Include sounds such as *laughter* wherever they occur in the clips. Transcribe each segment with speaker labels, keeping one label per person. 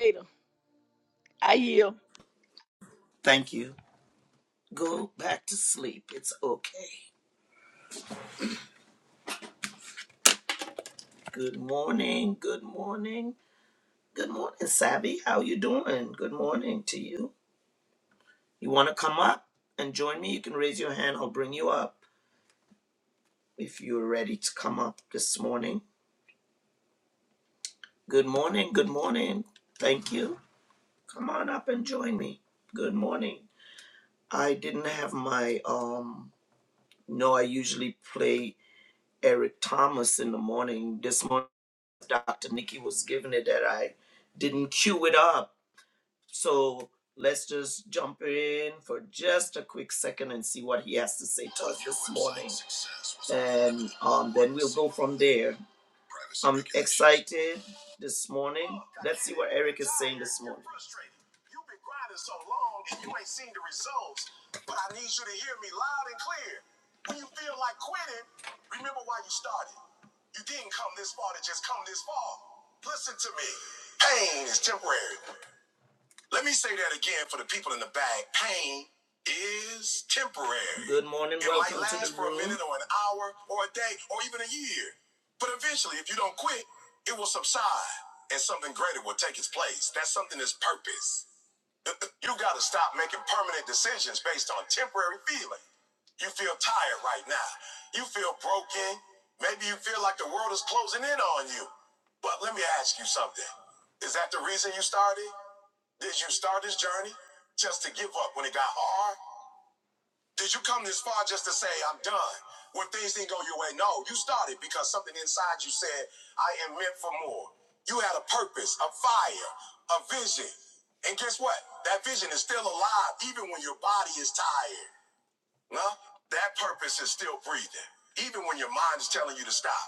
Speaker 1: Later. I yield.
Speaker 2: Thank you. Go back to sleep. It's okay. Good morning. Good morning. Good morning, Savvy. How you doing? Good morning to you. You want to come up and join me? You can raise your hand. I'll bring you up if you're ready to come up this morning. Good morning. Good morning. Thank you. Come on up and join me. Good morning. I didn't have my um. No, I usually play Eric Thomas in the morning. This morning. Dr. Nikki was giving it that I didn't cue it up so let's just jump in for just a quick second and see what he has to say to us this morning. And um, then we'll go from there. I'm excited this morning. Let's see what Eric is saying this morning. You've been grinding so long and you ain't seen the results, but I need you to hear me loud and clear. When you feel like quitting, remember why you started. You didn't come this far to just come this far. Listen to me. Pain is temporary. Let me say that again for the people in the back. Pain is temporary. Good morning. It welcome might last to the for room. a minute or an hour or a day or even a year. But eventually, if you don't quit, it will subside and something greater will take its place. That's something that's purpose. *laughs* You gotta stop making permanent decisions based on temporary feeling. You feel tired right now. You feel broken. Maybe you feel like the world is closing in on you. But let me ask you something. Is that the reason you started? Did you start this journey just to give up when it got hard? Did you come this far just to say, I'm done? When things didn't go your way? No, you started because something inside you said, I am meant for more. You had a purpose, a fire, a vision. And guess what? That vision is still alive even when your body is tired. Huh? That purpose is still breathing, even when your mind is telling you to stop.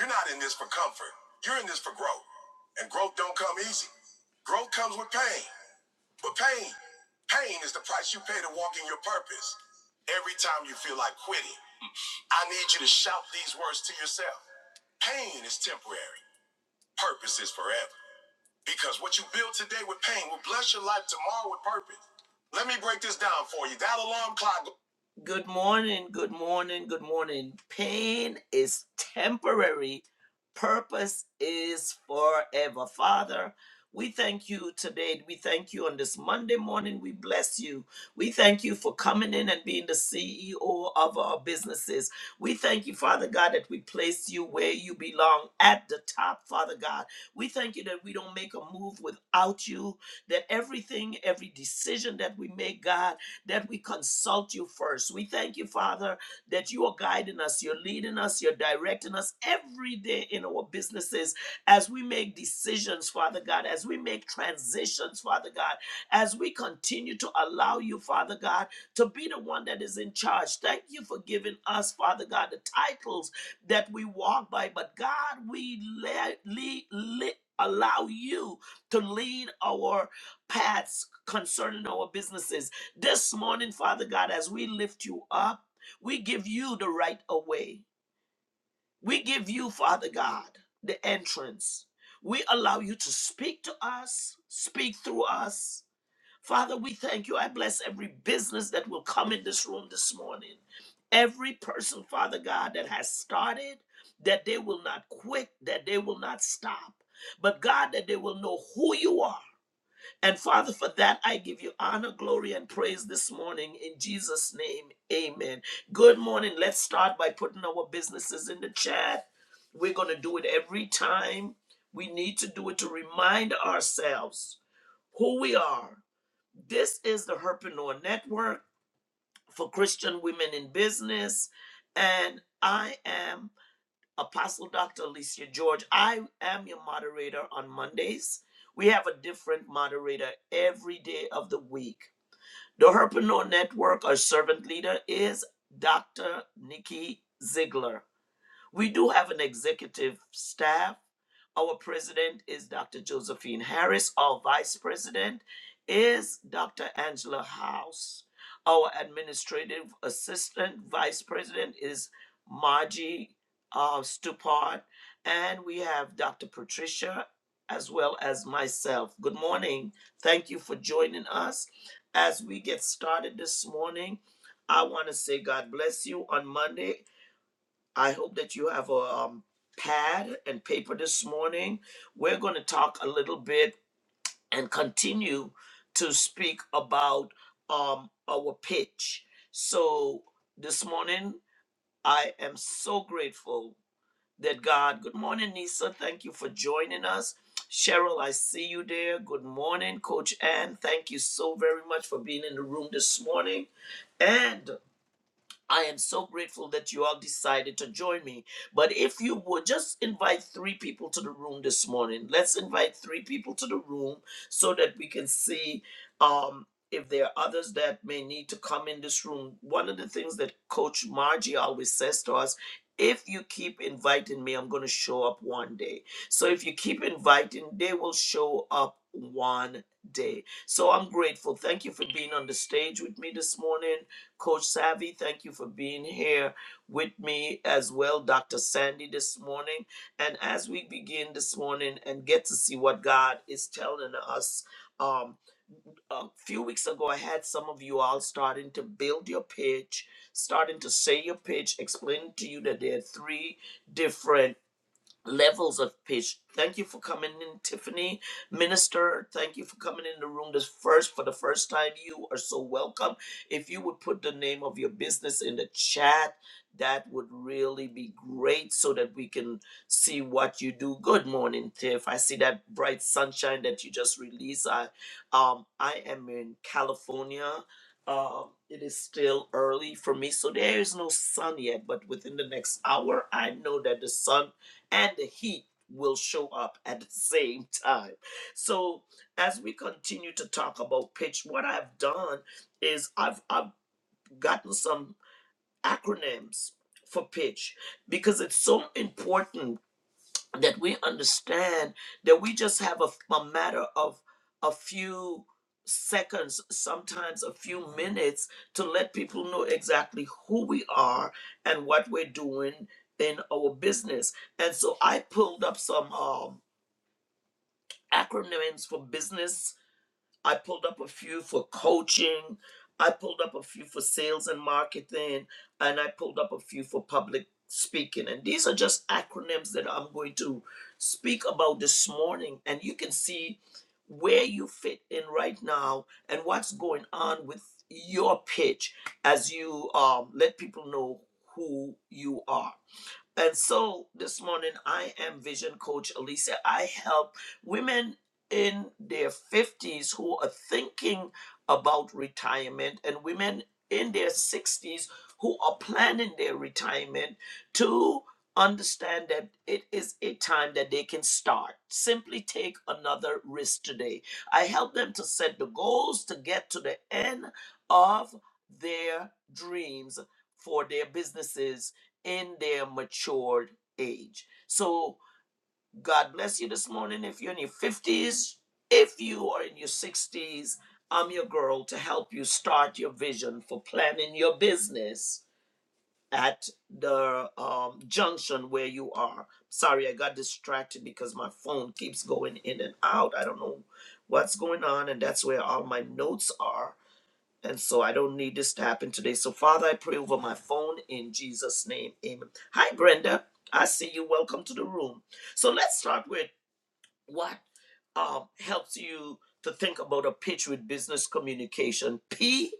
Speaker 2: You're not in this for comfort. You're in this for growth. And growth don't come easy. Growth comes with pain. But pain, pain is the price you pay to walk in your purpose. Every time you feel like quitting, I need you to shout these words to yourself. Pain is temporary, purpose is forever. Because what you build today with pain will bless your life tomorrow with purpose. Let me break this down for you. That alarm clock. Good morning, good morning, good morning. Pain is temporary, purpose is forever. Father, we thank you today. We thank you on this Monday morning. We bless you. We thank you for coming in and being the CEO of our businesses. We thank you, Father God, that we place you where you belong at the top, Father God we thank you that we don't make a move without you, that everything, every decision that we make, God, that we consult you first. We thank you, Father, that you are guiding us, you're leading us, you're directing us every day in our businesses as we make decisions, Father God, as we make transitions, Father God, as we continue to allow you, Father God, to be the one that is in charge. Thank you for giving us, Father God, the titles that we walk by, but God, we let, lead, lead, allow you to lead our paths concerning our businesses. This morning, Father God, as we lift you up, we give you the right of way. We give you, Father God, the entrance. We allow you to speak to us, speak through us, Father, we thank you. I bless every business that will come in this room this morning. Every person, Father God, that has started, that they will not quit, that they will not stop, but God, that they will know who you are. And Father, for that, I give you honor, glory, and praise this morning in Jesus' name. Amen. Good morning. Let's start by putting our businesses in the chat. We're going to do it every time. We need to do it to remind ourselves who we are this is the Herpreneur Network for Christian Women in Business, and I am Apostle Dr. Alicia George. I am your moderator on Mondays. We have a different moderator every day of the week. The Herpreneur Network, our servant leader, is Dr. Nikki Ziegler. We do have an executive staff. Our president is Dr. Josephine Harris. Our vice president is Dr. Angela House. Our administrative assistant vice president is Margie uh, Stupard. And we have Dr. Patricia as well as myself. Good morning. Thank you for joining us. As we get started this morning, I want to say God bless you on Monday. I hope that you have a um, pad and paper this morning. We're going to talk a little bit and continue to speak about um, our pitch. So, this morning, I am so grateful that God, good morning, Nisa. Thank you for joining us. Cheryl, I see you there. Good morning, Coach Ann. Thank you so very much for being in the room this morning. and. I am so grateful that you all decided to join me. But if you would just invite three people to the room this morning, let's invite three people to the room so that we can see um, if there are others that may need to come in this room. One of the things that Coach Margie always says to us if you keep inviting me, I'm going to show up one day. So if you keep inviting, they will show up one day. So I'm grateful. Thank you for being on the stage with me this morning. Coach Savvy, thank you for being here with me as well, Dr. Sandy, this morning. And as we begin this morning and get to see what God is telling us, um, a few weeks ago, I had some of you all starting to build your pitch, starting to say your pitch, explaining to you that there are three different levels of patience. Thank you for coming in, Tiffany, minister. Thank you for coming in the room this first for the first time. You are so welcome. If you would put the name of your business in the chat, that would really be great so that we can see what you do. Good morning, Tiff. I see that bright sunshine that you just released. I, um, I am in California. Um, it is still early for me, so there is no sun yet. But within the next hour, I know that the sun and the heat will show up at the same time. So as we continue to talk about pitch, what I've done is I've I've gotten some acronyms for pitch because it's so important that we understand that we just have a a matter of a few seconds, sometimes a few minutes, to let people know exactly who we are and what we're doing in our business. And so I pulled up some um, acronyms for business I pulled up a few for coaching. I pulled up a few for sales and marketing. And I pulled up a few for public speaking. And these are just acronyms that I'm going to speak about this morning. And you can see where you fit in right now and what's going on with your pitch as you um, let people know who you are. And so this morning, I am Vision Coach Elisa. I help women in their 50s who are thinking about retirement and women in their 60s who are planning their retirement to understand that it is a time that they can start. Simply take another risk today. I help them to set the goals to get to the end of their dreams for their businesses in their matured age. So God bless you this morning. If you're in your 50s, if you are in your 60s, I'm your girl to help you start your vision for planning your business at the um, junction where you are. Sorry, I got distracted because my phone keeps going in and out. I don't know what's going on, and that's where all my notes are and so I don't need this to happen today. So, Father, I pray over my phone in Jesus' name. Amen. Hi, Brenda. I see you. Welcome to the room. So, let's start with what um, helps you to think about a pitch with business communication. P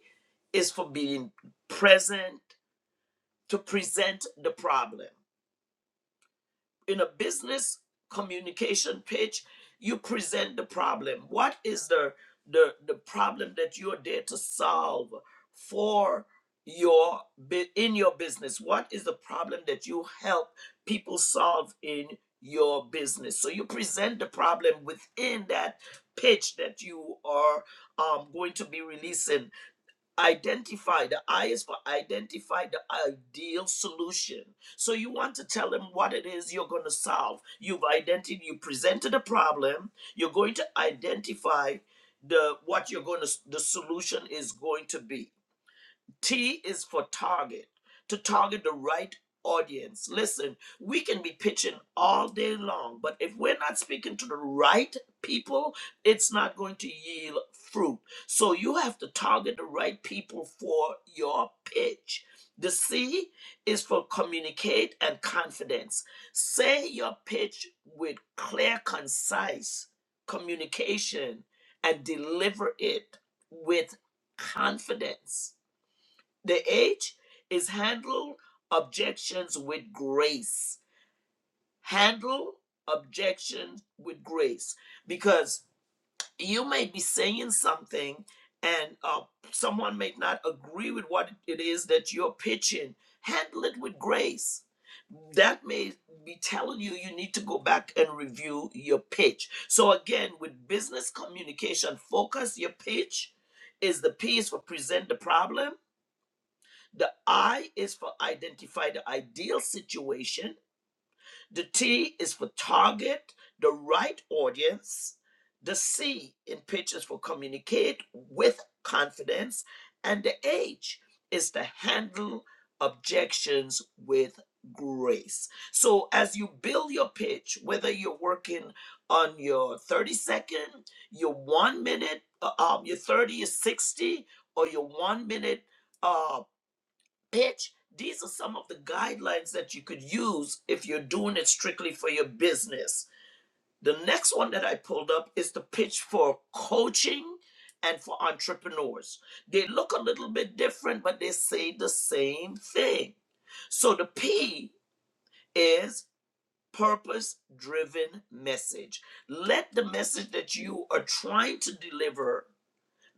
Speaker 2: is for being present to present the problem in a business communication pitch you present the problem what is the the the problem that you're there to solve for your bu- in your business what is the problem that you help people solve in your business so you present the problem within that pitch that you are um, going to be releasing Identify the I is for identify the ideal solution. So you want to tell them what it is you're going to solve. You've identified, you presented a problem. You're going to identify the what you're going to the solution is going to be. T is for target, to target the right audience. Listen, we can be pitching all day long, but if we're not speaking to the right people, it's not going to yield fruit. So you have to target the right people for your pitch. The C is for communicate and confidence. Say your pitch with clear, concise communication and deliver it with confidence the H is handle objections with grace. Handle objections with grace. Because you may be saying something and uh, someone may not agree with what it is that you're pitching. Handle it with grace. That may be telling you you need to go back and review your pitch. So, again, with business communication, focus your pitch is the piece for present the problem the I is for identify the ideal situation. The T is for target, the right audience. The C in pitch is for communicate with confidence. And the H is to handle objections with grace. So as you build your pitch, whether you're working on your 30 second, your one minute, uh, um, your 30, your 60, or your one minute uh, pitch. These are some of the guidelines that you could use if you're doing it strictly for your business. The next one that I pulled up is the pitch for coaching and for entrepreneurs. They look a little bit different, but they say the same thing. So the P is purpose driven message. Let the message that you are trying to deliver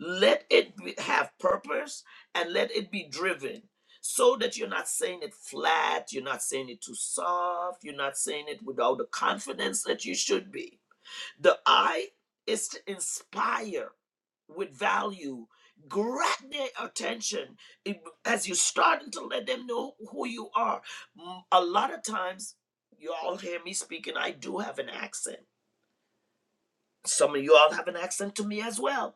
Speaker 2: let it be, have purpose and let it be driven so that you're not saying it flat you're not saying it too soft you're not saying it without the confidence that you should be the i is to inspire with value grab their attention It- as you're starting to let them know who you are Mm, a lot of times you all hear me speaking i do have an accent some of you all have an accent to me as well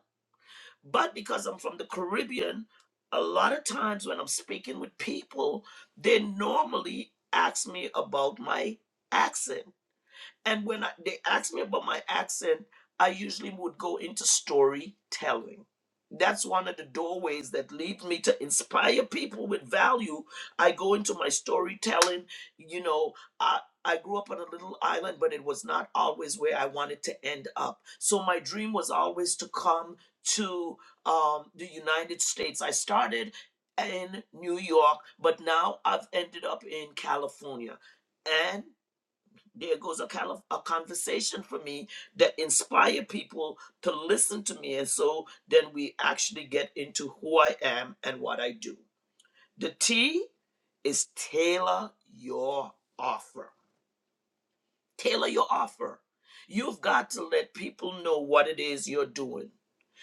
Speaker 2: but because I'm from the Caribbean, a lot of times when I'm speaking with people, they normally ask me about my accent. And when I, they asked me about my accent, I usually would go into storytelling. That's one of the doorways that leads me to inspire people with value. I go into my storytelling. You know, I, I grew up on a little island, but it was not always where I wanted to end up. So my dream was always to come to um, the United States. I started in New York, but now I've ended up in California. And there goes a kind of a conversation for me that inspire people to listen to me and so then we actually get into who i am and what i do the t is tailor your offer tailor your offer you've got to let people know what it is you're doing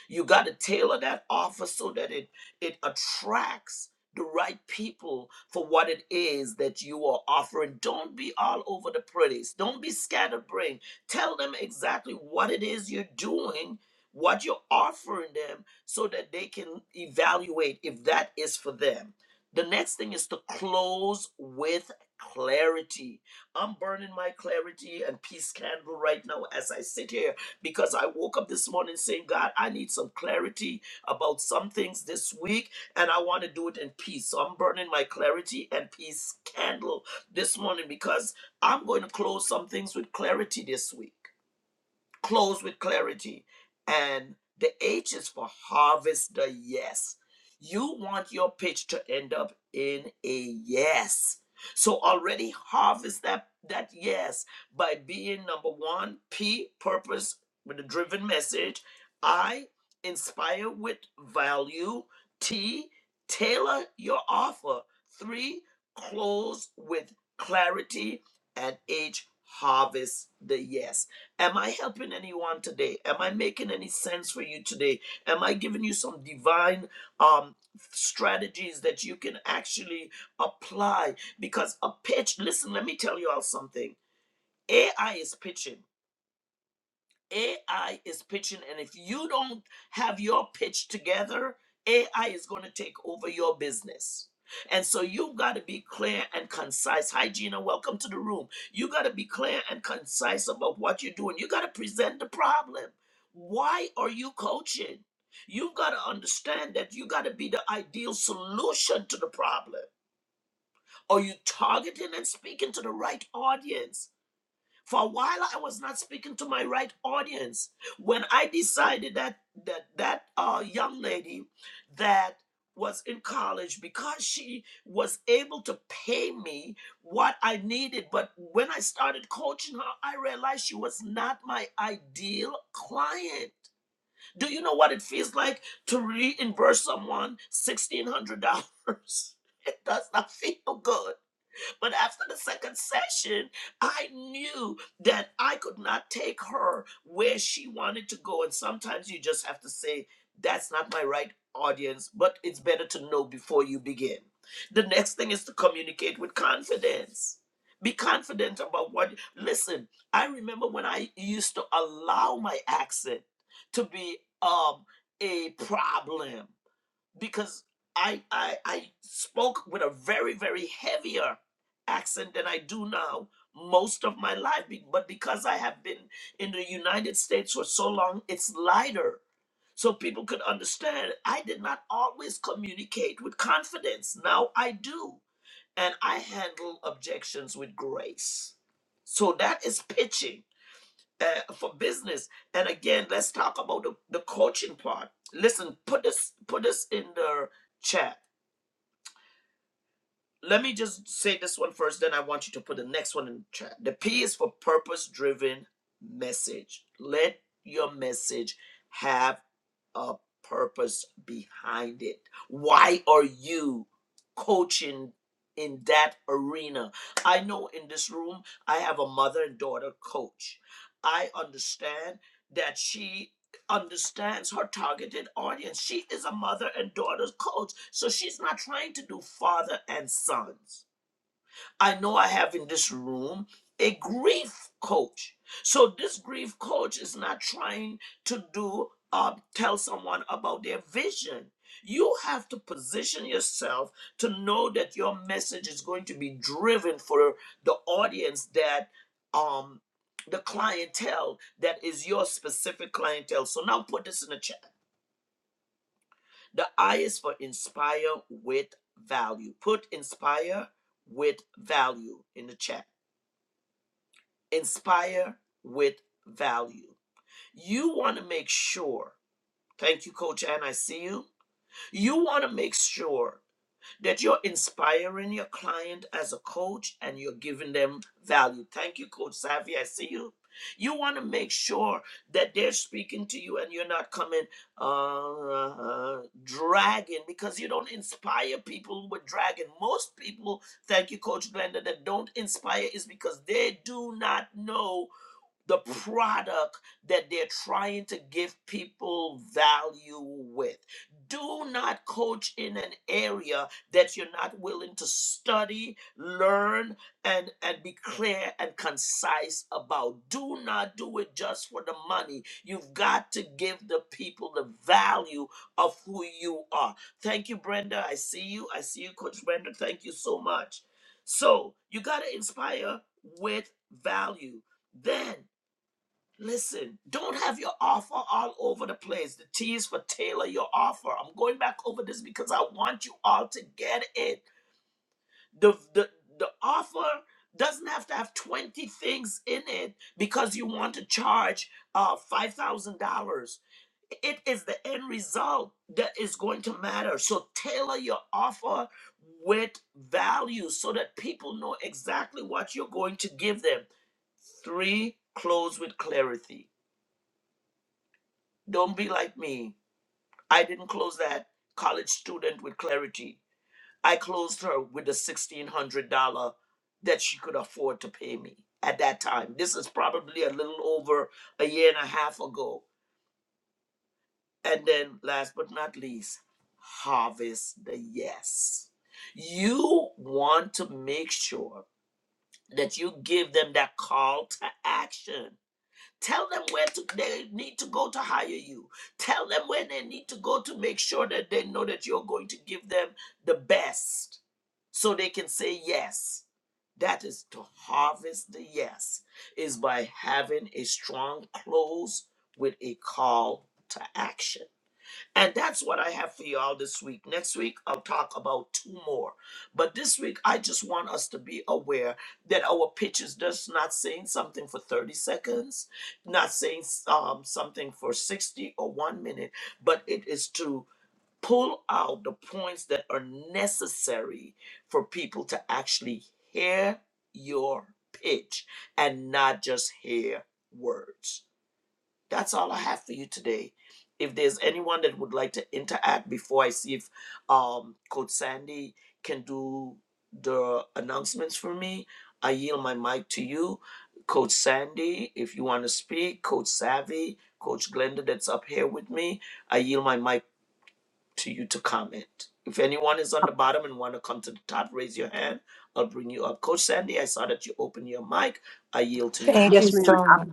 Speaker 2: you got to tailor that offer so that it it attracts the right people for what it is that you are offering. Don't be all over the place. Don't be scatterbrained. Tell them exactly what it is you're doing, what you're offering them, so that they can evaluate if that is for them. The next thing is to close with clarity. I'm burning my clarity and peace candle right now as I sit here because I woke up this morning saying, God, I need some clarity about some things this week, and I want to do it in peace. So I'm burning my clarity and peace candle this morning because I'm going to close some things with clarity this week close with clarity. And the H is for harvest the yes. You want your pitch to end up in a yes. So already harvest that that yes by being number one, P purpose with a driven message, I inspire with value, T tailor your offer, three close with clarity, and H harvest the yes. Am I helping anyone today? Am I making any sense for you today? Am I giving you some divine um strategies that you can actually apply? Because a pitch, listen, let me tell you all something. AI is pitching. AI is pitching, and if you don't have your pitch together, AI is going to take over your business. And so you've got to be clear and concise. Hi, Gina. Welcome to the room. You got to be clear and concise about what you're doing. You got to present the problem. Why are you coaching? You've got to understand that you got to be the ideal solution to the problem. Are you targeting and speaking to the right audience? For a while, I was not speaking to my right audience. When I decided that that that uh, young lady that was in college because she was able to pay me what I needed. But when I started coaching her, I realized she was not my ideal client. Do you know what it feels like to reimburse someone $1,600? *laughs* It does not feel good. But after the second session, I knew that I could not take her where she wanted to go. And sometimes you just have to say, that's not my right audience, but it's better to know before you begin. The next thing is to communicate with confidence. Be confident about what. Listen, I remember when I used to allow my accent to be um, a problem because I, I I spoke with a very very heavier accent than I do now most of my life but because I have been in the United States for so long it's lighter so people could understand I did not always communicate with confidence now I do and I handle objections with grace so that is pitching uh, for business. And again, let's talk about the, the coaching part. Listen, put this put this in the chat. Let me just say this one first, then I want you to put the next one in the chat. The P is for purpose driven message. Let your message have a purpose behind it. Why are you coaching in that arena? I know in this room, I have a mother and daughter coach. I understand that she understands her targeted audience. She is a mother and daughter's coach, so she's not trying to do father and sons. I know I have in this room a grief coach. So this grief coach is not trying to do uh, tell someone about their vision. You have to position yourself to know that your message is going to be driven for the audience that um the clientele that is your specific clientele. So now put this in the chat. The I is for inspire with value. Put inspire with value in the chat inspire with value. You want to make sure, thank you, Coach Ann, I see you. You want to make sure that you're inspiring your client as a coach and you're giving them value. Thank you, Coach Savvy, I see you. You want to make sure that they're speaking to you and you're not coming uh, dragging because you don't inspire people with dragging. Most people, thank you, Coach Glenda, that don't inspire is because they do not know the product that they're trying to give people value with. Do not coach in an area that you're not willing to study, learn, and, and be clear and concise about. Do not do it just for the money. You've got to give the people the value of who you are. Thank you, Brenda. I see you. I see you, Coach Brenda. Thank you so much. So you got to inspire with value. Then Listen, don't have your offer all over the place. The T is for tailor your offer. I'm going back over this because I want you all to get it. The the the offer doesn't have to have 20 things in it because you want to charge uh $5,000 it is the end result that is going to matter. So tailor your offer with value so that people know exactly what you're going to give them. Three, close with clarity don't be like me. I didn't close that college student with clarity. I closed her with the $1,600 that she could afford to pay me at that time. This is probably a little over a year and a half ago. And then, last but not least, harvest the yes. You want to make sure that you give them that call to action Tell them where to, they need to go to hire you. Tell them where they need to go to make sure that they know that you're going to give them the best so they can say yes. That is to harvest the yes, is by having a strong close with a call to action. And that's what I have for y'all this week. Next week, I'll talk about two more. But this week, I just want us to be aware that our pitch is just not saying something for 30 seconds, not saying um, something for 60 or one minute, but it is to pull out the points that are necessary for people to actually hear your pitch and not just hear words. That's all I have for you today. If there's anyone that would like to interact before I see if um, Coach Sandy can do the announcements for me, I yield my mic to you. Coach Sandy, if you want to speak, Coach Savvy, Coach Glenda, that's up here with me, I yield my mic to you to comment. If anyone is on the bottom and want to come to the top, raise your hand. I'll bring you up. Coach Sandy, I saw that you opened your mic. I yield to you.
Speaker 3: Thank you
Speaker 4: Yes, ma'am.
Speaker 3: so
Speaker 4: I'm
Speaker 3: much.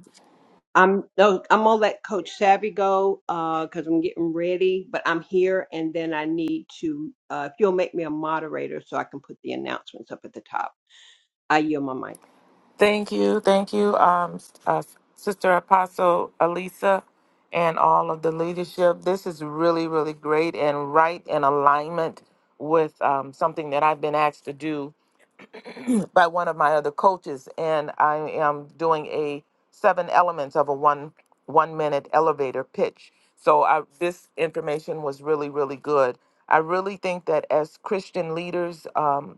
Speaker 4: I'm no, I'm gonna let Coach Savvy go uh because I'm getting ready, but I'm here and then I need to uh if you'll make me a moderator so I can put the announcements up at the top. I yield my mic.
Speaker 3: Thank you. Thank you, um, uh, Sister Apostle Elisa, and all of the leadership. This is really, really great and right in alignment with um, something that I've been asked to do by one of my other coaches. And I am doing a seven elements of a one one minute elevator pitch. So I, this information was really, really good. I really think that as Christian leaders, um,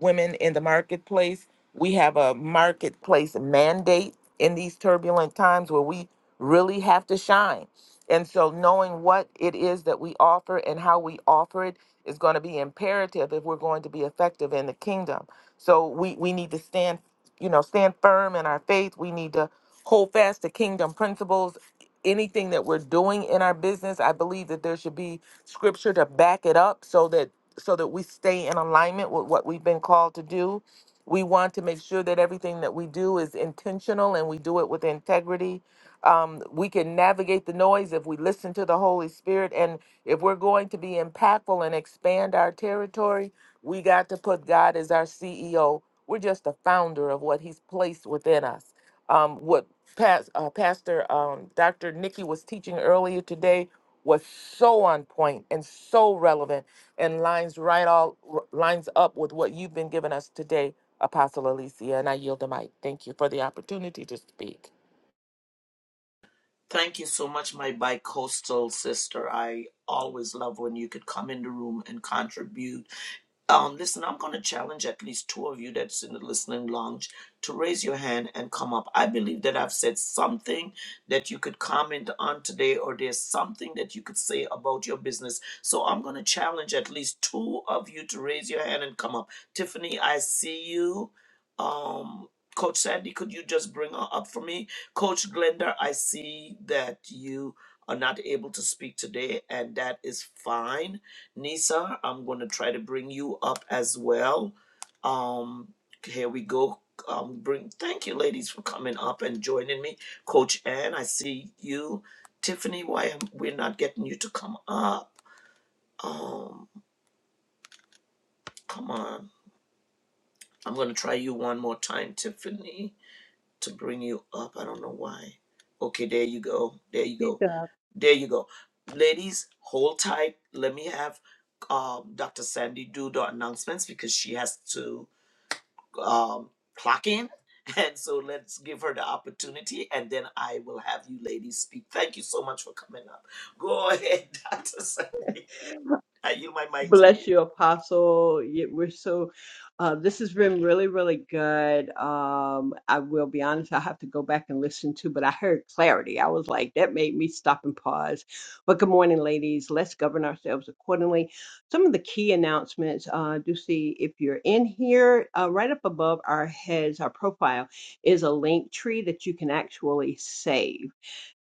Speaker 3: women in the marketplace. We have a marketplace mandate in these turbulent times where we really have to shine. And so, knowing what it is that we offer and how we offer it is going to be imperative if we're going to be effective in the kingdom. So, we, we need to stand, you know, stand firm in our faith. We need to hold fast to kingdom principles anything that we're doing in our business i believe that there should be scripture to back it up so that so that we stay in alignment with what we've been called to do we want to make sure that everything that we do is intentional and we do it with integrity um, we can navigate the noise if we listen to the holy spirit and if we're going to be impactful and expand our territory we got to put god as our ceo we're just the founder of what he's placed within us um, what Pas- uh, Pastor um, Dr. Nikki was teaching earlier today was so on point and so relevant and lines right all r- lines up with what you've been giving us today, Apostle Alicia. And I yield the mic. Thank you for the opportunity to speak.
Speaker 2: Thank you so much, my bi-coastal sister. I always love when you could come in the room and contribute. Um, listen, I'm going to challenge at least two of you that's in the listening lounge to raise your hand and come up. I believe that I've said something that you could comment on today, or there's something that you could say about your business. So I'm going to challenge at least two of you to raise your hand and come up. Tiffany, I see you. Um, Coach Sandy, could you just bring her up for me? Coach Glenda, I see that you are not able to speak today, and that is fine. Nisa, I'm going to try to bring you up as well. Um, here we go. Um, bring thank you, ladies, for coming up and joining me. Coach Ann, I see you. Tiffany, why am we're not getting you to come up? Um, come on. I'm gonna try you one more time, Tiffany, to bring you up. I don't know why. Okay, there you go. There you go. There you go. Ladies, hold tight. Let me have um, Dr. Sandy do the announcements because she has to um, clock in. *laughs* And so let's give her the opportunity and then I will have you ladies speak. Thank you so much for coming up. Go ahead, *laughs* Dr. Sandy. I yield my mic to
Speaker 4: Bless
Speaker 2: you.
Speaker 4: you, Apostle. You- We're so, uh, this has been really, really good. Um, I will be honest, I have to go back and listen to, but I heard clarity. I was like, that made me stop and pause. But good morning, ladies. Let's govern ourselves accordingly. Some of the key announcements, uh, do see if you're in here, uh, right up above our heads, our profile is a link tree that you can actually save.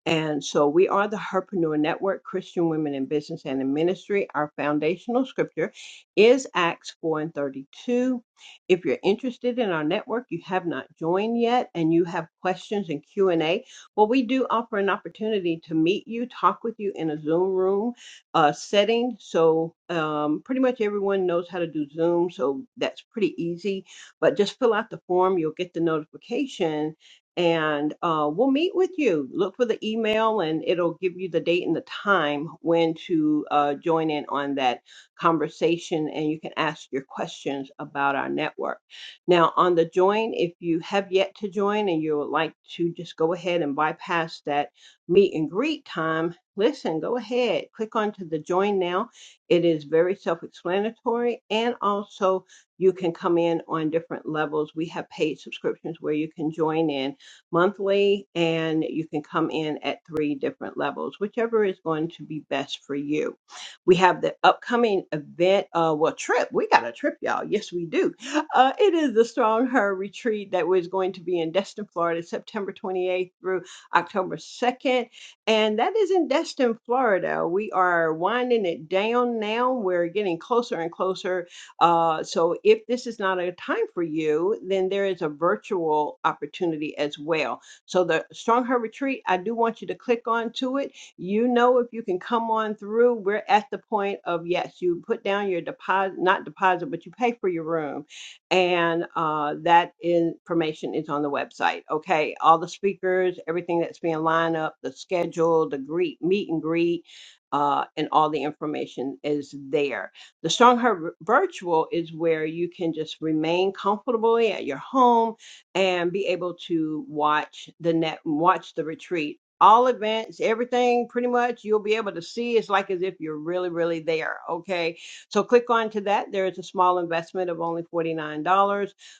Speaker 4: And so we are the Herpreneur Network, Christian Women in Business and in Ministry. Our foundational scripture is Acts 4 and 32. If you're interested in our network, you have not joined yet, and you have questions and Q&A, well, we do offer an opportunity to meet you, talk with you in a Zoom room uh, setting. So um, pretty much everyone knows how to do Zoom, so that's pretty easy. But just fill out the form. You'll get the notification and uh, we'll meet with you. Look for the email, and it'll give you the date and the time when to uh, join in on that conversation, and you can ask your questions about our network. Now, on the join, if you have yet to join and you would like to just go ahead and bypass that meet and greet time, listen, go ahead, click onto the join now. It is very self explanatory, and also you can come in on different levels. We have paid subscriptions where you can join in monthly, and you can come in at three different levels, whichever is going to be best for you. We have the upcoming event, uh, well, trip. We got a trip, y'all. Yes, we do. Uh, it is the Strong Her Retreat that was going to be in Destin, Florida, September 28th through October 2nd. And that is in Destin, Florida. We are winding it down now. We're getting closer and closer uh, so if this is not a time for you, then there is a virtual opportunity as well. So the Strong Her Retreat, I do want you to click on to it. You know, if you can come on through, we're at the point of yes, you put down your deposit, not deposit, but you pay for your room. And uh, that information is on the website. Okay. All the speakers, everything that's being lined up, the schedule, the greet, meet and greet, uh, and all the information is there. The Stronghold Vir- Virtual is where you can just remain comfortably at your home and be able to watch the net, watch the retreat. All events, everything pretty much you'll be able to see. It's like as if you're really, really there. Okay. So click on to that. There is a small investment of only $49,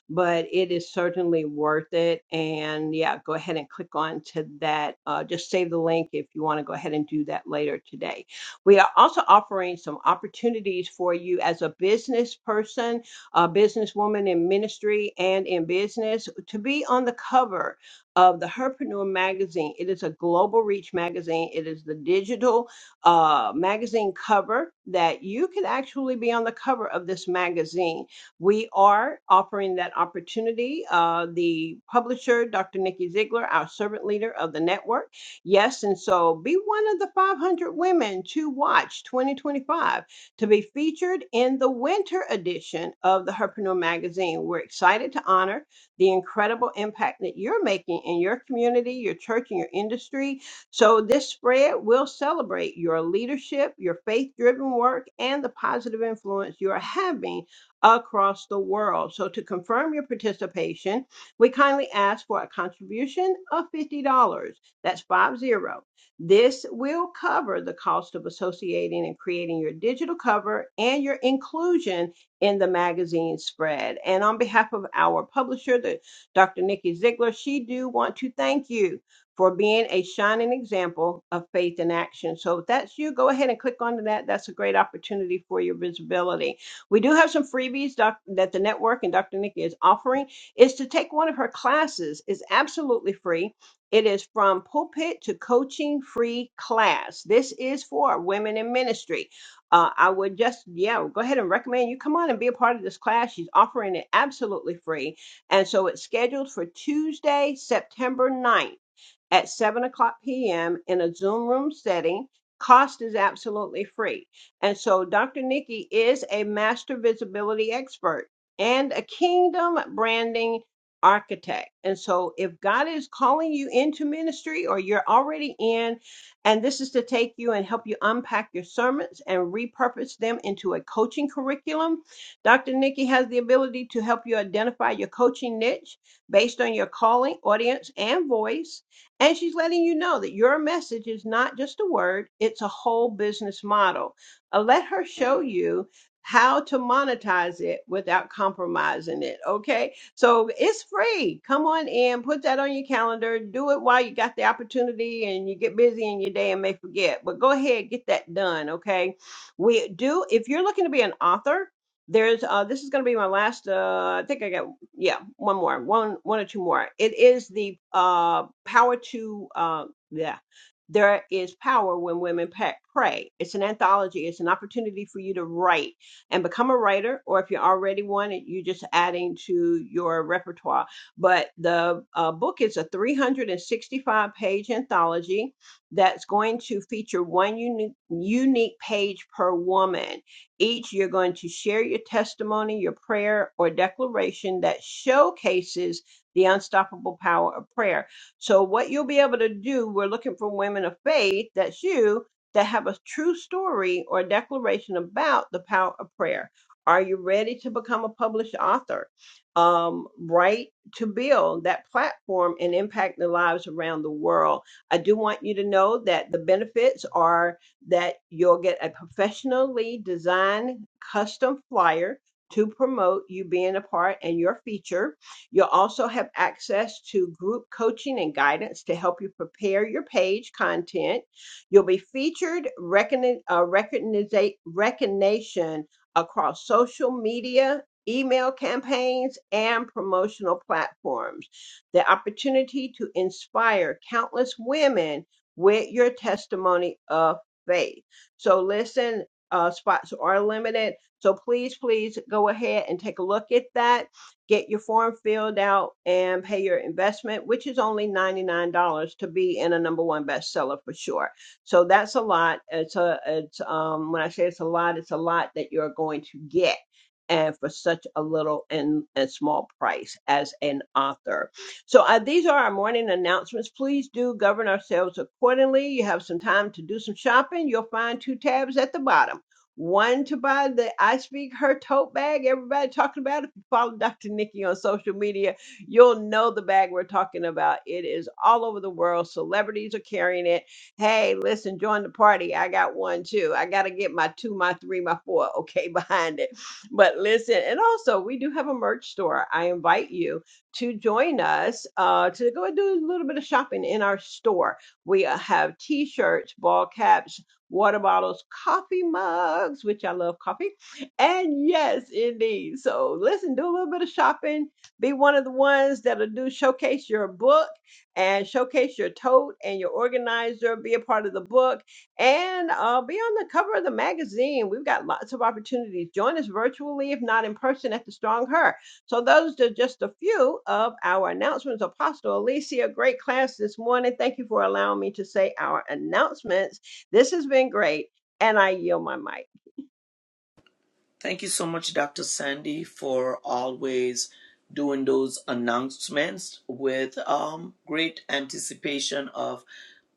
Speaker 4: but it is certainly worth it. And yeah, go ahead and click on to that. Uh, just save the link if you want to go ahead and do that later today. We are also offering some opportunities for you as a business person, a businesswoman in ministry and in business to be on the cover of the Herpreneur magazine. It is a global reach magazine. It is the digital uh, magazine cover that you can actually be on the cover of this magazine. We are offering that opportunity. Uh, the publisher, Dr. Nikki Ziegler, our servant leader of the network. Yes, and so be one of the 500 women to watch 2025 to be featured in the winter edition of the Herpreneur magazine. We're excited to honor the incredible impact that you're making in your community, your church, and your industry. So this spread will celebrate your leadership, your faith-driven work, and the positive influence you are having across the world. So to confirm your participation, we kindly ask for a contribution of $50. That's five zero. This will cover the cost of associating and creating your digital cover and your inclusion in the magazine spread. And on behalf of our publisher, the Dr. Nikki Ziegler, she do want to thank you for being a shining example of faith in action. So if that's you, go ahead and click onto that. That's a great opportunity for your visibility. We do have some freebies doc- that the network and Dr. Nikki is offering is to take one of her classes. It's absolutely free it is from pulpit to coaching free class. This is for women in ministry. Uh, I would just, yeah, go ahead and recommend you come on and be a part of this class. She's offering it absolutely free. And so it's scheduled for Tuesday, September ninth at 7 o'clock p.m. in a Zoom room setting. Cost is absolutely free. And so Dr. Nikki is a master visibility expert and a kingdom branding architect. And so if God is calling you into ministry or you're already in, and this is to take you and help you unpack your sermons and repurpose them into a coaching curriculum, Dr. Nikki has the ability to help you identify your coaching niche based on your calling, audience, and voice and she's letting you know that your message is not just a word, it's a whole business model. Uh, let her show you how to monetize it without compromising it. Okay. So it's free. Come on in, put that on your calendar, do it while you got the opportunity and you get busy in your day and may forget. But go ahead, get that done. Okay. We do, if you're looking to be an author, there's uh this is going to be my last uh i think i got yeah, one more, one one or two more. It is the uh power to uh yeah. There is power when women pa- pray. It's an anthology. It's an opportunity for you to write and become a writer, or if you're already one, it- you're just adding to your repertoire. But the uh, book is a 365 page anthology that's going to feature one unique, unique page per woman each, you're going to share your testimony, your prayer, or declaration that showcases the unstoppable power of prayer. So, what you'll be able to do, we're looking for women of faith, that's you, that have a true story or declaration about the power of prayer. Are you ready to become a published author? Um, right to build that platform and impact the lives around the world. I do want you to know that the benefits are that you'll get a professionally designed custom flyer to promote you being a part and your feature. You'll also have access to group coaching and guidance to help you prepare your page content. You'll be featured recogni- uh, recogniza- recognition across social media, email campaigns, and promotional platforms. The opportunity to inspire countless women with your testimony of faith. So listen, uh, spots are limited. So please, please go ahead and take a look at that. Get your form filled out and pay your investment, which is only $99 to be in a number one bestseller for sure. So that's a lot. It's a, it's, um, when I say it's a lot, it's a lot that you're going to get and for such a little and, and small price as an author. So uh, these are our morning announcements. Please do govern ourselves accordingly. You have some time to do some shopping. You'll find two tabs at the bottom. One to buy the I Speak Her tote bag. Everybody talking about. it. If you follow Dr. Nikki on social media, you'll know the bag we're talking about. It is all over the world. Celebrities are carrying it. Hey, listen, join the party. I got one too. I got to get my two, my three, my four. Okay, *laughs* behind it. But listen, and also we do have a merch store. I invite you to join us uh, to go and do a little bit of shopping in our store. We uh, have t shirts, ball caps, water bottles, coffee mugs, which I love coffee. And yes, indeed. So listen, do a little bit of shopping. Be one of the ones that'll do showcase your book and showcase your tote and your organizer. Be a part of the book and uh, be on the cover of the magazine. We've got lots of opportunities. Join us virtually, if not in person, at the Strong Her. So those are just a few of our announcements. Apostle Alicia, great class this morning. Thank you for allowing me to say our announcements. This has been great, and I yield my mic.
Speaker 2: Thank you so much, Dr. Sandy, for always doing those announcements with um, great anticipation of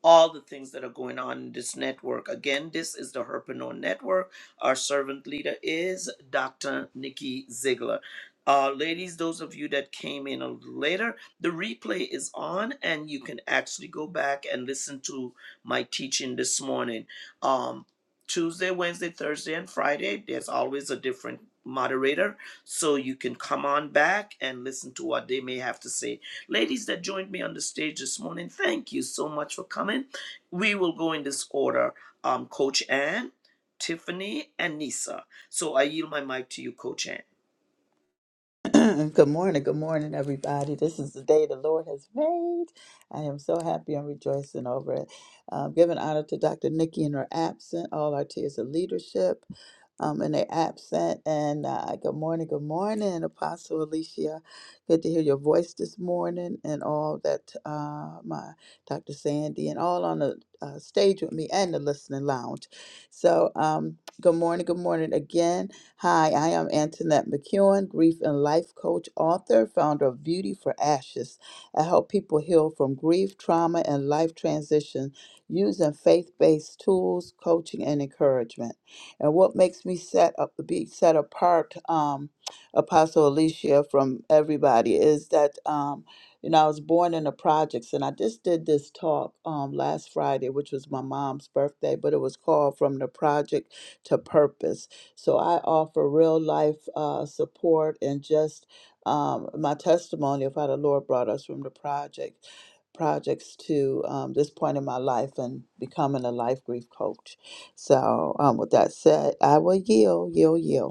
Speaker 2: all the things that are going on in this network. Again, this is the Herpreneur Network. Our servant leader is Dr. Nikki Ziegler. Uh, ladies, those of you that came in a little later, the replay is on, and you can actually go back and listen to my teaching this morning. Um, Tuesday, Wednesday, Thursday, and Friday. There's always a different moderator, so you can come on back and listen to what they may have to say. Ladies that joined me on the stage this morning, thank you so much for coming. We will go in this order um, Coach Ann, Tiffany, and Nisa. So I yield my mic to you, Coach Ann.
Speaker 5: *clears throat* good morning, good morning, everybody. This is the day the Lord has made. I am so happy and rejoicing over it. Um, giving honor to Dr. Nikki in her absent, all our tears of leadership um, in their absent. And uh, good morning, good morning, Apostle Alicia. Good to hear your voice this morning, and all that uh, my Dr. Sandy and all on the uh, stage with me and the listening lounge. So, um, good morning, good morning again. Hi, I am Antoinette McEwen, grief and life coach, author, founder of Beauty for Ashes. I help people heal from grief, trauma, and life transition using faith based tools, coaching, and encouragement. And what makes me set up be set apart, um, Apostle Alicia, from everybody is that. Um, you know, I was born in the projects, and I just did this talk um, last Friday, which was my mom's birthday, but it was called From the Project to Purpose so I offer real life uh, support and just um, my testimony of how the Lord brought us from the project projects to um, this point in my life and becoming a life grief coach. So um, with that said, I will yield, yield, yield.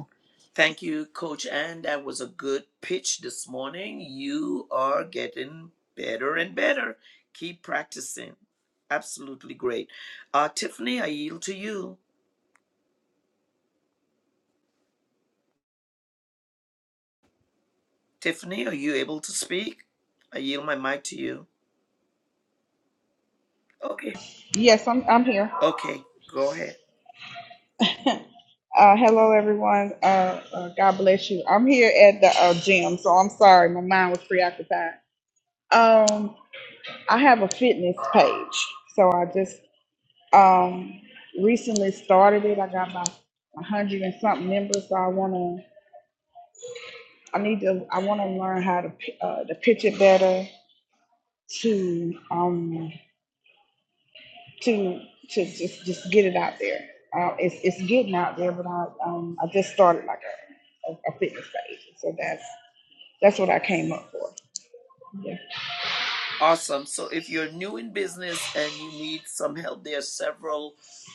Speaker 2: Thank you, Coach Ann. That was a good pitch this morning. You are getting better and better. Keep practicing. Absolutely great. Uh, Tiffany, I yield to you. Tiffany, are you able to speak? I yield my mic to you. Okay.
Speaker 6: Yes, I'm I'm here.
Speaker 2: Okay. Go ahead.
Speaker 6: *laughs* Uh, hello, everyone. Uh, uh, God bless you. I'm here at the uh, gym, so I'm sorry. My mind was preoccupied. Um, I have a fitness page, so I just um, recently started it. I got my 100 and something members, so I wanna, I need to, I wanna learn how to pi- uh, to pitch it better, to um, to to just just get it out there. Um, it's it's getting out there, but I um I just started like a, a, a fitness page, so that's that's what I came up for. Yeah.
Speaker 2: Awesome. So if you're new in business and you need some help, there are several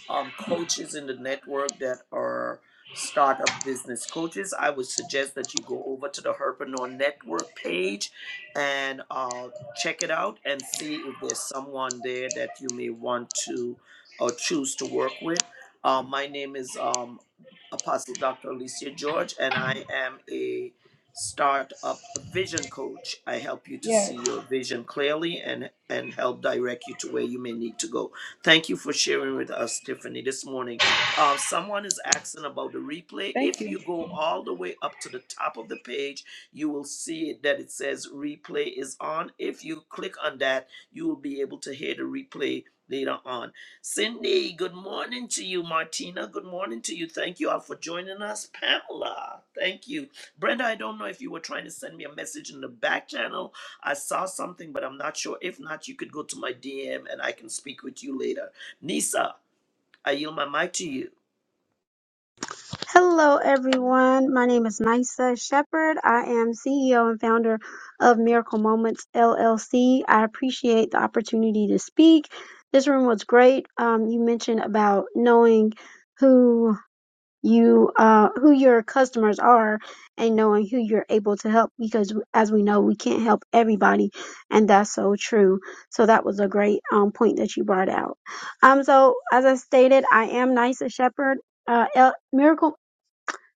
Speaker 2: um, coaches in the network that are startup business coaches. I would suggest that you go over to the Herpreneur Network page and uh, check it out and see if there's someone there that you may want to or choose to work with. Uh, my name is um, Apostle Dr. Alicia George, and I am a start up a vision coach. I help you to see
Speaker 6: Yes.
Speaker 2: your vision clearly and and help direct you to where you may need to go. Thank you for sharing with us, Tiffany, this morning. Uh, someone is asking about the replay.
Speaker 6: Thank
Speaker 2: If
Speaker 6: you.
Speaker 2: you go all the way up to the top of the page, you will see it that it says replay is on. If you click on that, you will be able to hear the replay later on. Cindy, good morning to you. Martina, good morning to you. Thank you all for joining us. Pamela, thank you. Brenda, I don't know if you were trying to send me a message in the back channel. I saw something, but I'm not sure. If not, you could go to my DM and I can speak with you later. Nisa, I yield my mic to you.
Speaker 7: Hello, everyone. My name is Nisa Shepherd. I am CEO and founder of Miracle Moments LLC. I appreciate the opportunity to speak. This room was great. Um, you mentioned about knowing who you uh, who your customers are and knowing who you're able to help because as we know we can't help everybody and that's so true so that was a great um, point that you brought out um so as i stated i am nisa shepherd uh, L- Miracle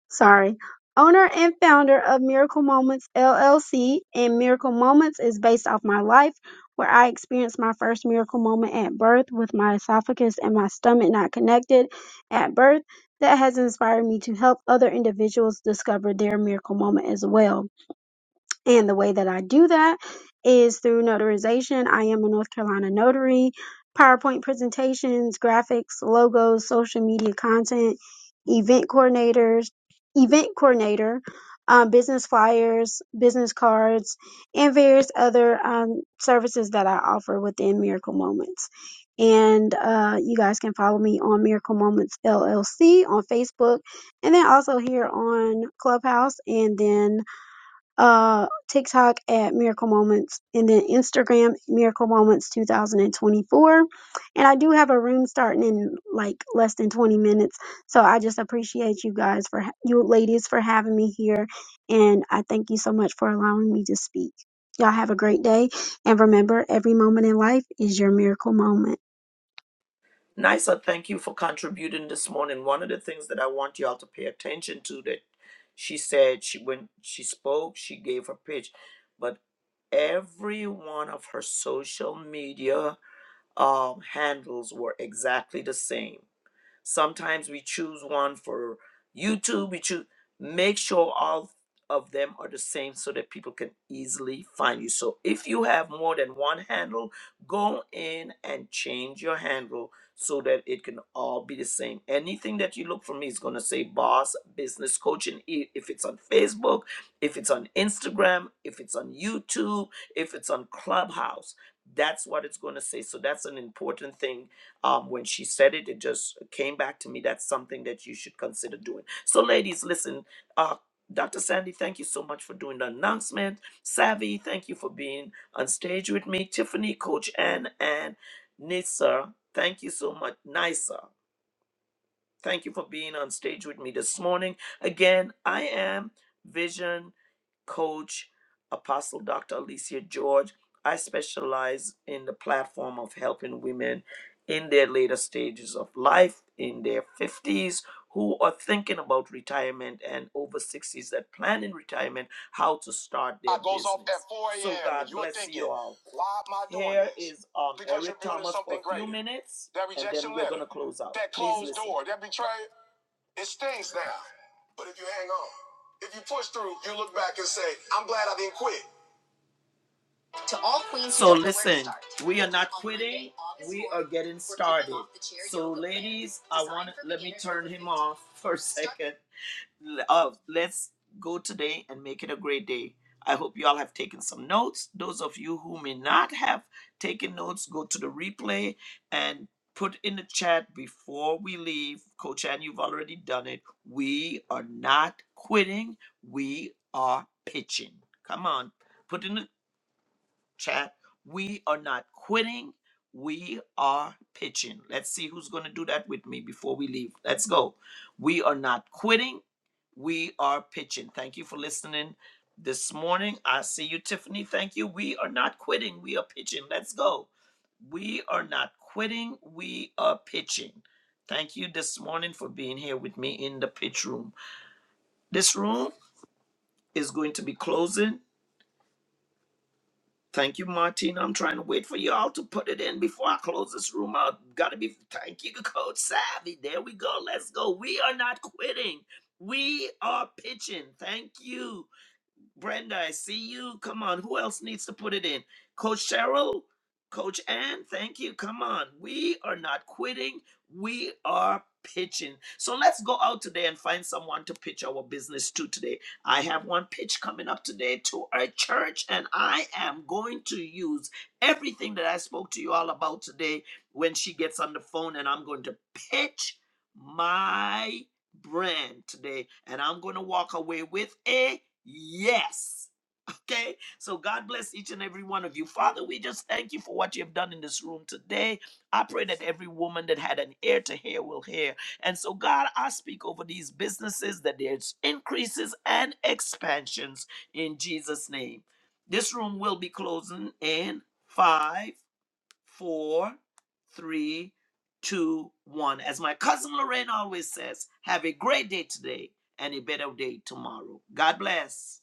Speaker 7: sorry, owner and founder of Miracle Moments LLC. And Miracle Moments is based off my life, where I experienced my first miracle moment at birth with my esophagus and my stomach not connected at birth. That has inspired me to help other individuals discover their miracle moment as well. And the way that I do that is through notarization. I am a North Carolina notary, PowerPoint presentations, graphics, logos, social media content, event coordinators, event coordinator, um, business flyers, business cards, and various other um, services that I offer within Miracle Moments. And uh, you guys can follow me on Miracle Moments LLC on Facebook, and then also here on Clubhouse, and then uh, TikTok at Miracle Moments, and then Instagram Miracle Moments 2024. And I do have a room starting in like less than 20 minutes, so I just appreciate you guys for ha- you ladies for having me here, and I thank you so much for allowing me to speak. Y'all have a great day, and remember, every moment in life is your miracle moment.
Speaker 2: Nisa, thank you for contributing this morning. One of the things that I want y'all to pay attention to that she said she when she spoke, she gave her pitch, but every one of her social media um, handles were exactly the same. Sometimes we choose one for YouTube. We choose make sure all of them are the same so that people can easily find you. So if you have more than one handle, go in and change your handle so that it can all be the same. Anything that you look for me is going to say boss business coaching i- if it's on Facebook, if it's on Instagram, if it's on YouTube, if it's on Clubhouse. That's what it's going to say. So that's an important thing um, when she said it, it just came back to me. That's something that you should consider doing. So, ladies, listen, uh, Dr. Sandy, thank you so much for doing the announcement. Savvy, thank you for being on stage with me. Tiffany, Coach Ann, and Nisa, thank you so much. Nisa, thank you for being on stage with me this morning. Again, I am Vision coach, Apostle Dr. Alicia George. I specialize in the platform of helping women in their later stages of life, in their 50s, who are thinking about retirement and over 60s that planning retirement, how to start their I goes off business. at 4 a m So God you're bless thinking, you all. Why am I doing Here this? is um, Because Eric you're building Thomas for something a few greater. minutes, That and rejection then we're letter, going to close out. That Please closed listen. door, that betrayal. It stings now, but if you hang on, if you push through, you look back and say, I'm glad I didn't quit. To all queens so listen, we are not quitting. We are getting started. So ladies, I want to let me turn him off *laughs* for a second. Uh, let's go today and make it a great day. I hope you all have taken some notes. Those of you who may not have taken notes, go to the replay and put in the chat before we leave. Coach Ann, you've already done it. We are not quitting, we are pitching. Come on, put in the chat. We are not quitting. We are pitching. Let's see who's going to do that with me before we leave. Let's go. We are not quitting. We are pitching. Thank you for listening this morning. I see you, Tiffany. Thank you. We are not quitting. We are pitching. Let's go. We are not quitting. We are pitching. Thank you this morning for being here with me in the pitch room. This room is going to be closing. Thank you, Martina. I'm trying to wait for y'all to put it in before I close this room out. Gotta be thank you, Coach Savvy. There we go. Let's go. We are not quitting. We are pitching. Thank you. Brenda, I see you. Come on. Who else needs to put it in? Coach Cheryl, Coach Ann, thank you. Come on. We are not quitting. We are pitching. So let's go out today and find someone to pitch our business to today. I have one pitch coming up today to our church, and I am going to use everything that I spoke to you all about today when she gets on the phone, and I'm going to pitch my brand today, and I'm going to walk away with a Yes. Okay. So God bless each and every one of you. Father, we just thank you for what you have done in this room today. I pray that every woman that had an ear to hear will hear. And so, God, I speak over these businesses that there's increases and expansions in Jesus' name. This room will be closing in five, four, three, two, one. As my cousin Lorraine always says, have a great day today and a better day tomorrow. God bless.